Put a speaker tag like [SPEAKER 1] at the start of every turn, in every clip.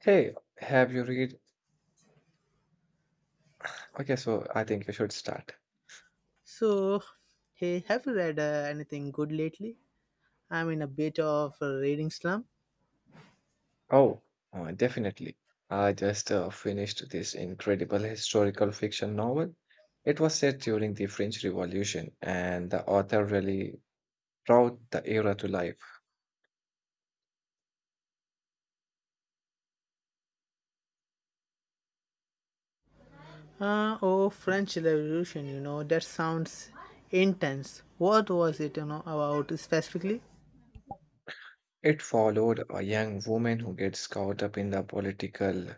[SPEAKER 1] Hey, have you read? Okay, so I think you should start.
[SPEAKER 2] So, hey, have you read anything good lately? I'm in a bit of a reading slump.
[SPEAKER 1] Oh, definitely. I just finished this incredible historical fiction novel. It was set during the French Revolution, and the author really brought the era to life.
[SPEAKER 2] Oh, French Revolution, you know, that sounds intense. What was it, you know, about specifically?
[SPEAKER 1] It followed a young woman who gets caught up in the political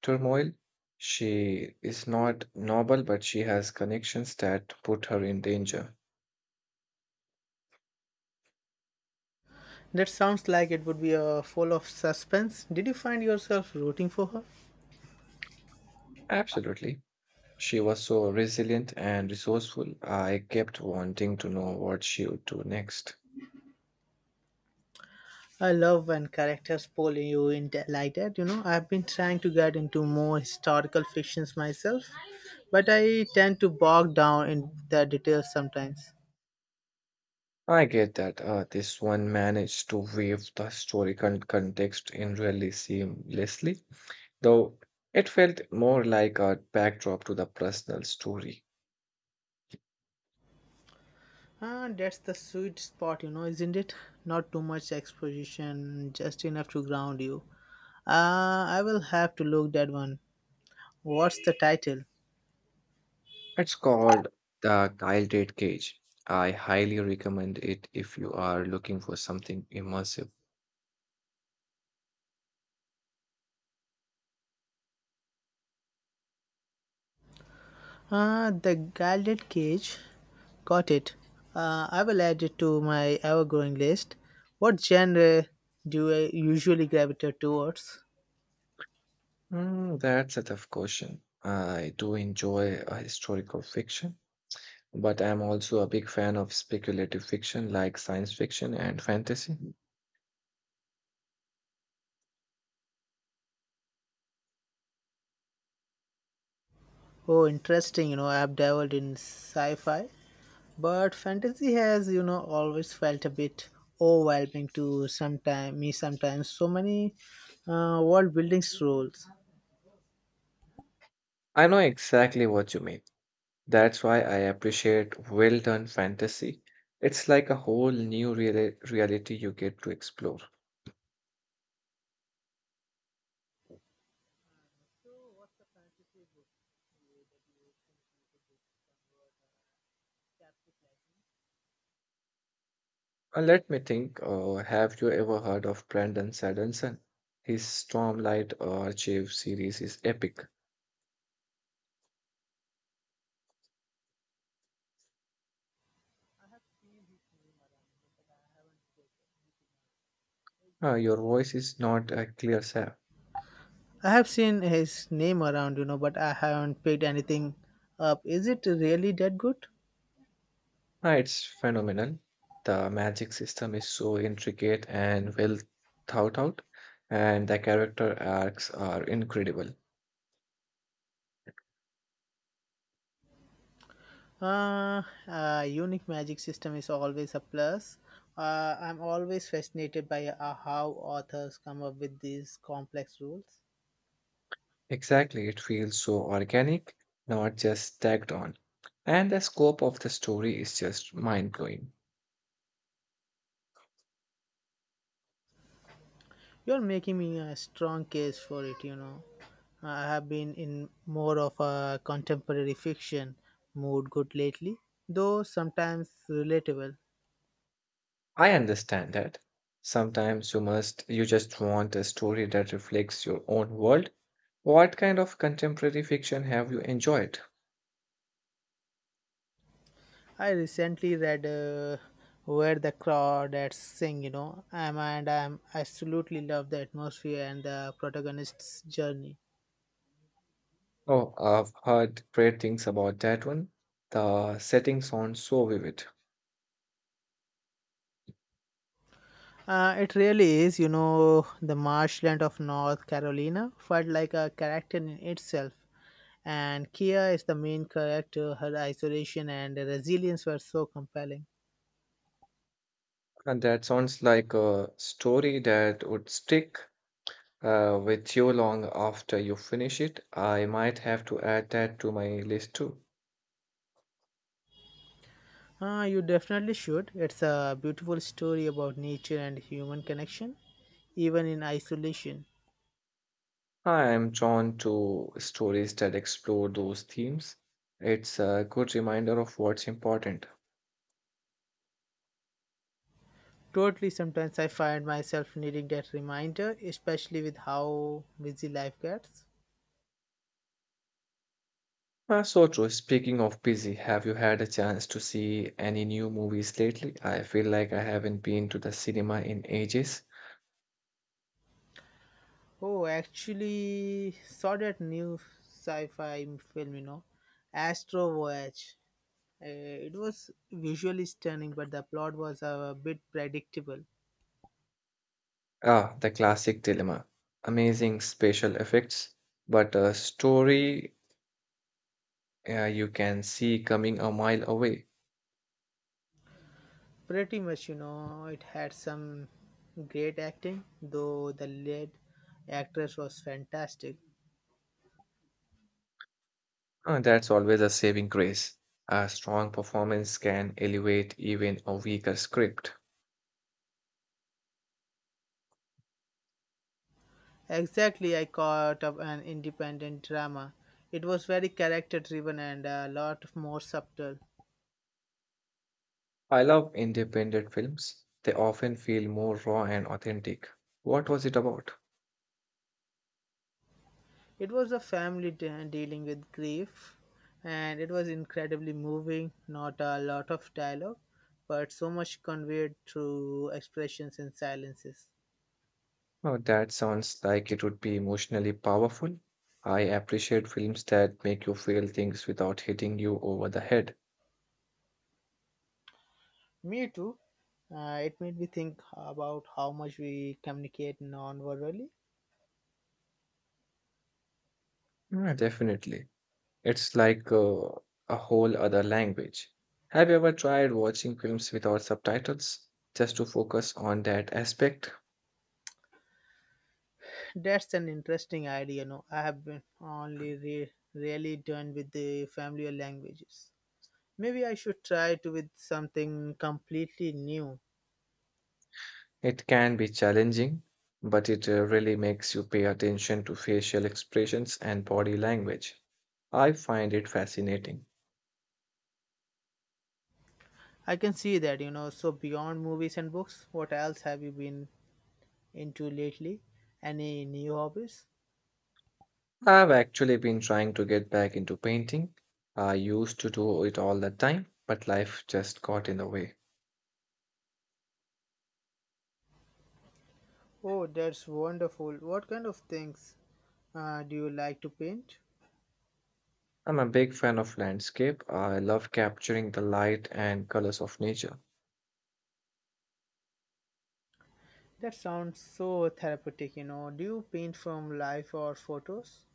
[SPEAKER 1] turmoil. She is not noble, but she has connections that put her in danger.
[SPEAKER 2] That sounds like it would be full of suspense. Did you find yourself rooting for her?
[SPEAKER 1] Absolutely. She was so resilient and resourceful. I kept wanting to know what she would do next.
[SPEAKER 2] I love when characters pull you in like that, you know. I've been trying to get into more historical fictions myself, but I tend to bog down in the details sometimes.
[SPEAKER 1] I get that. This one managed to weave the historical context in really seamlessly, though it felt more like a backdrop to the personal story.
[SPEAKER 2] Ah, that's the sweet spot, you know, isn't it? Not too much exposition, just enough to ground you. Ah, I will have to look that one. What's the title?
[SPEAKER 1] It's called The Gilded Cage. I highly recommend it if you are looking for something immersive.
[SPEAKER 2] Ah, The Gilded Cage. Got it. I will add it to my ever-growing list. What genre do I usually gravitate towards?
[SPEAKER 1] Hmm, that's a tough question. I do enjoy historical fiction, but I'm also a big fan of speculative fiction like science fiction and fantasy.
[SPEAKER 2] Oh, interesting. You know, I've dabbled in sci fi, but fantasy has, you know, always felt a bit overwhelming to sometime, me sometimes. So many world building rules.
[SPEAKER 1] I know exactly what you mean. That's why I appreciate well done fantasy. It's like a whole new reality you get to explore. Let me think. Have you ever heard of Brandon Sanderson? His Stormlight Archive series is epic. Your voice is not clear, Sam.
[SPEAKER 2] I have seen his name around, you know, but I haven't picked anything up. Is it really that good?
[SPEAKER 1] Ah, it's phenomenal. The magic system is so intricate and well thought out, and the character arcs are incredible.
[SPEAKER 2] Unique magic system is always a plus. I'm always fascinated by how authors come up with these complex rules.
[SPEAKER 1] Exactly, it feels so organic, not just tagged on. And the scope of the story is just mind-blowing.
[SPEAKER 2] You're making me a strong case for it, you know. I have been in more of a contemporary fiction mood good lately, though sometimes relatable.
[SPEAKER 1] I understand that. Sometimes you must you just want a story that reflects your own world. What kind of contemporary fiction have you enjoyed?
[SPEAKER 2] I recently read Where the Crawdads Sing, you know, and I am absolutely love the atmosphere and the protagonist's journey.
[SPEAKER 1] Oh, I've heard great things about that one. The setting sounds so vivid,
[SPEAKER 2] It really is, you know, the marshland of North Carolina felt like a character in itself. And Kia is the main character. Her isolation and resilience were so compelling.
[SPEAKER 1] and that sounds like a story that would stick with you long after you finish it. I might have to add that to my list too.
[SPEAKER 2] You definitely should. It's a beautiful story about nature and human connection, even in isolation.
[SPEAKER 1] I am drawn to stories that explore those themes. It's a good reminder of what's important.
[SPEAKER 2] Totally, sometimes I find myself needing that reminder, especially with how busy life gets.
[SPEAKER 1] So true. Speaking of busy, have you had a chance to see any new movies lately? I feel like I haven't been to the cinema in ages.
[SPEAKER 2] Oh, actually, saw that new sci-fi film, you know, Astro Voyage. Uh, it was visually stunning, but the plot was a bit predictable.
[SPEAKER 1] Ah, the classic dilemma. Amazing special effects, but a story you can see coming a mile away.
[SPEAKER 2] Pretty much, you know, it had some great acting, though the lead actress was fantastic.
[SPEAKER 1] That's always a saving grace. A strong performance can elevate even a weaker script.
[SPEAKER 2] Exactly, I caught up an independent drama. It was very character-driven and a lot more subtle.
[SPEAKER 1] I love independent films. They often feel more raw and authentic. What was it about?
[SPEAKER 2] It was a dealing with grief, and it was incredibly moving. Not a lot of dialogue, but so much conveyed through expressions and silences.
[SPEAKER 1] Oh, that sounds like it would be emotionally powerful. I appreciate films that make you feel things without hitting you over the head.
[SPEAKER 2] Me too. It made me think about how much we communicate non-verbally.
[SPEAKER 1] Yeah, definitely. It's like a whole other language. Have you ever tried watching films without subtitles just to focus on that aspect?
[SPEAKER 2] That's an interesting idea. No, I have been only really done with the familiar languages. Maybe I should try to with something completely new.
[SPEAKER 1] It can be challenging, but it really makes you pay attention to facial expressions and body language. I find it fascinating.
[SPEAKER 2] I can see that, you know. So, beyond movies and books, what else have you been into lately? Any new hobbies?
[SPEAKER 1] I've actually been trying to get back into painting. I used to do it all the time, but life just got in the way.
[SPEAKER 2] Oh, that's wonderful. What kind of things do you like to paint?
[SPEAKER 1] I'm a big fan of landscape. I love capturing the light and colors of nature.
[SPEAKER 2] That sounds so therapeutic, you know. Do you paint from life or photos?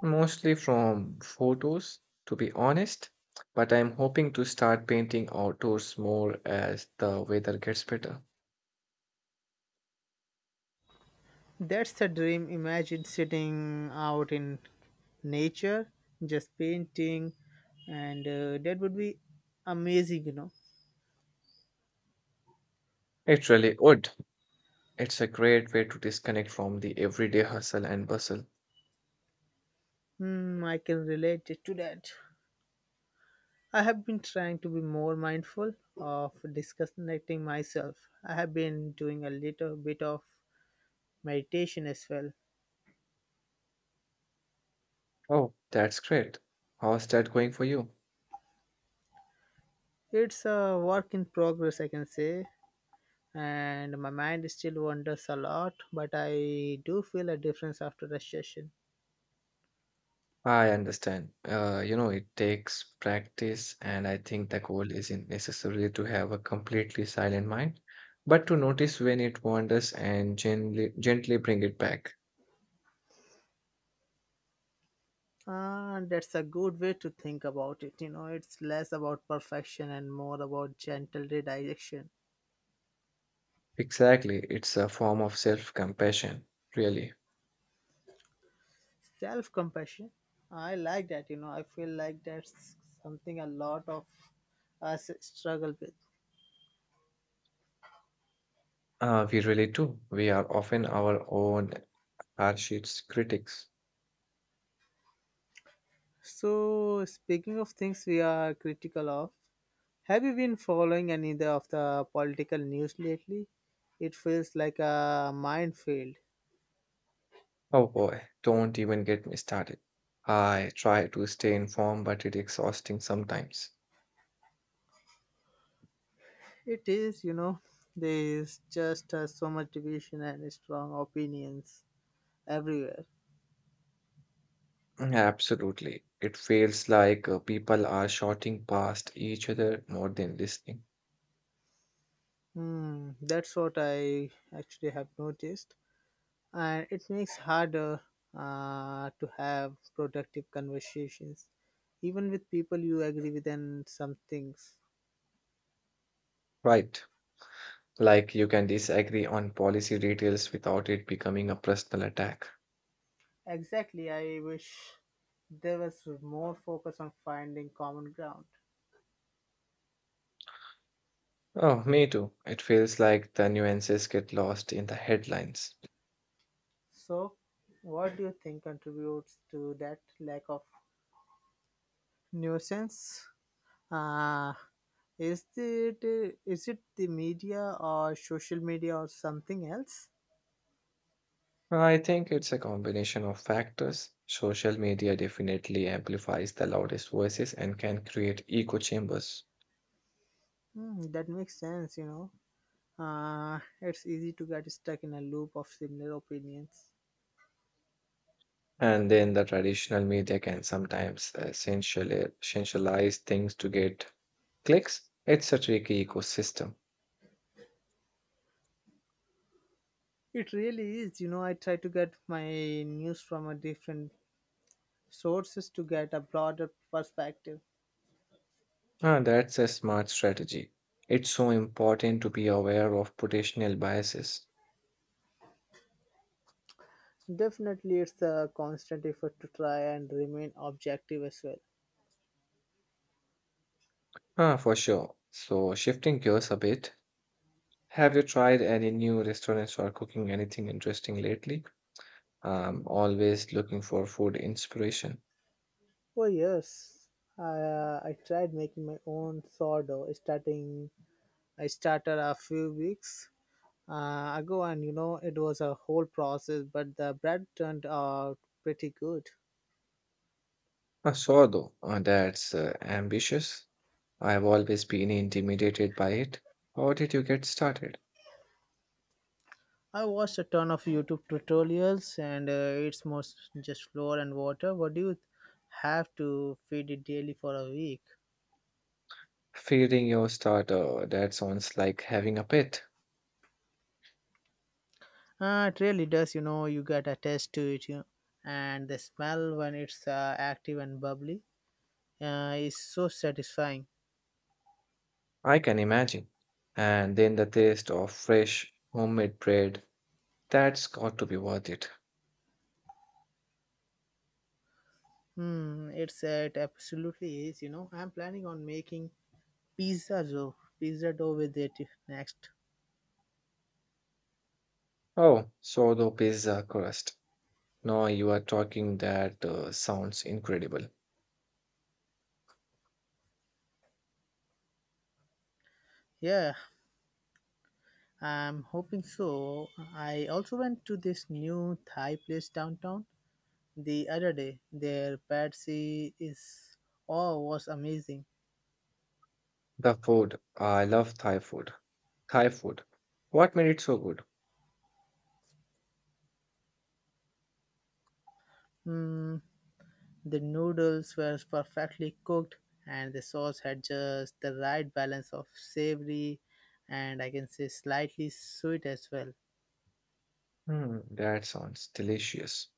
[SPEAKER 1] Mostly from photos, to be honest, but I'm hoping to start painting outdoors more as the weather gets better.
[SPEAKER 2] That's the dream. Imagine sitting out in nature, just painting, and that would be amazing, you know.
[SPEAKER 1] It really would. It's a great way to disconnect from the everyday hustle and bustle.
[SPEAKER 2] Hmm, I can relate it to that. I have been trying to be more mindful of disconnecting myself. I have been doing a little bit of meditation as well.
[SPEAKER 1] Oh, that's great. How's that going for you?
[SPEAKER 2] It's a work in progress, I can say, and my mind still wanders a lot, but I do feel a difference after the session.
[SPEAKER 1] I understand. It takes practice, and I think the goal isn't necessarily to have a completely silent mind, but to notice when it wanders and gently, gently bring it back.
[SPEAKER 2] And that's a good way to think about it. You know, it's less about perfection and more about gentle redirection.
[SPEAKER 1] Exactly, it's a form of self compassion, really.
[SPEAKER 2] Self compassion, I like that, you know. I feel like that's something a lot of us struggle with.
[SPEAKER 1] We really do. We are often our own harshest critics.
[SPEAKER 2] So, speaking of things we are critical of, have you been following any of the political news lately? It feels like a minefield.
[SPEAKER 1] Oh boy, don't even get me started. I try to stay informed, but it's exhausting sometimes.
[SPEAKER 2] It is, you know, there is just so much division and strong opinions everywhere.
[SPEAKER 1] Mm, absolutely. It feels like people are shouting past each other more than listening.
[SPEAKER 2] Hmm, that's what I actually have noticed, and it makes harder to have productive conversations, even with people you agree with on some things.
[SPEAKER 1] Right. Like you can disagree on policy details without it becoming a personal attack.
[SPEAKER 2] Exactly, I wish there was more focus on finding common ground.
[SPEAKER 1] Oh, me too. It feels like the nuances get lost in the headlines.
[SPEAKER 2] So what do you think contributes to that lack of nuisance? uh, is it, is it the media or social media or something else?
[SPEAKER 1] I think it's a combination of factors. Social media definitely amplifies the loudest voices and can create echo chambers.
[SPEAKER 2] Hmm, that makes sense, you know. It's easy to get stuck in a loop of similar opinions.
[SPEAKER 1] And then the traditional media can sometimes essentially essentialize things to get clicks. It's a tricky ecosystem.
[SPEAKER 2] It really is. You know, I try to get my news from a different sources to get a broader perspective.
[SPEAKER 1] Ah, that's a smart strategy. It's so important to be aware of potential biases.
[SPEAKER 2] Definitely, it's a constant effort to try and remain objective as well.
[SPEAKER 1] Ah, for sure. So, shifting gears a bit, have you tried any new restaurants or cooking anything interesting lately? I'm always looking for food inspiration.
[SPEAKER 2] For years, I tried making my own sourdough. I started a few weeks ago, and you know, it was a whole process. But the bread turned out pretty good.
[SPEAKER 1] I saw though, that's ambitious. I've always been intimidated by it. How did you get started?
[SPEAKER 2] I watched a ton of YouTube tutorials, and it's most just flour and water. What do you have to feed it daily for a week?
[SPEAKER 1] Feeding your starter, that sounds like having a pet.
[SPEAKER 2] It really does, you know, you get attached to it, you know, and the smell when it's active and bubbly is so satisfying.
[SPEAKER 1] I can imagine. And then the taste of fresh, homemade bread, that's got to be worth it.
[SPEAKER 2] Hmm, it absolutely is, you know. I'm planning on making pizza dough with it next.
[SPEAKER 1] Oh, sourdough pizza crust. Now you are talking, that sounds incredible.
[SPEAKER 2] Yeah, I'm hoping so. I also went to this new Thai place downtown the other day. Their patsy is oh was amazing.
[SPEAKER 1] The food. I love Thai food. What made it so good?
[SPEAKER 2] Mm, the noodles were perfectly cooked, and the sauce had just the right balance of savory and I can say slightly sweet as well.
[SPEAKER 1] Hmm, that sounds delicious.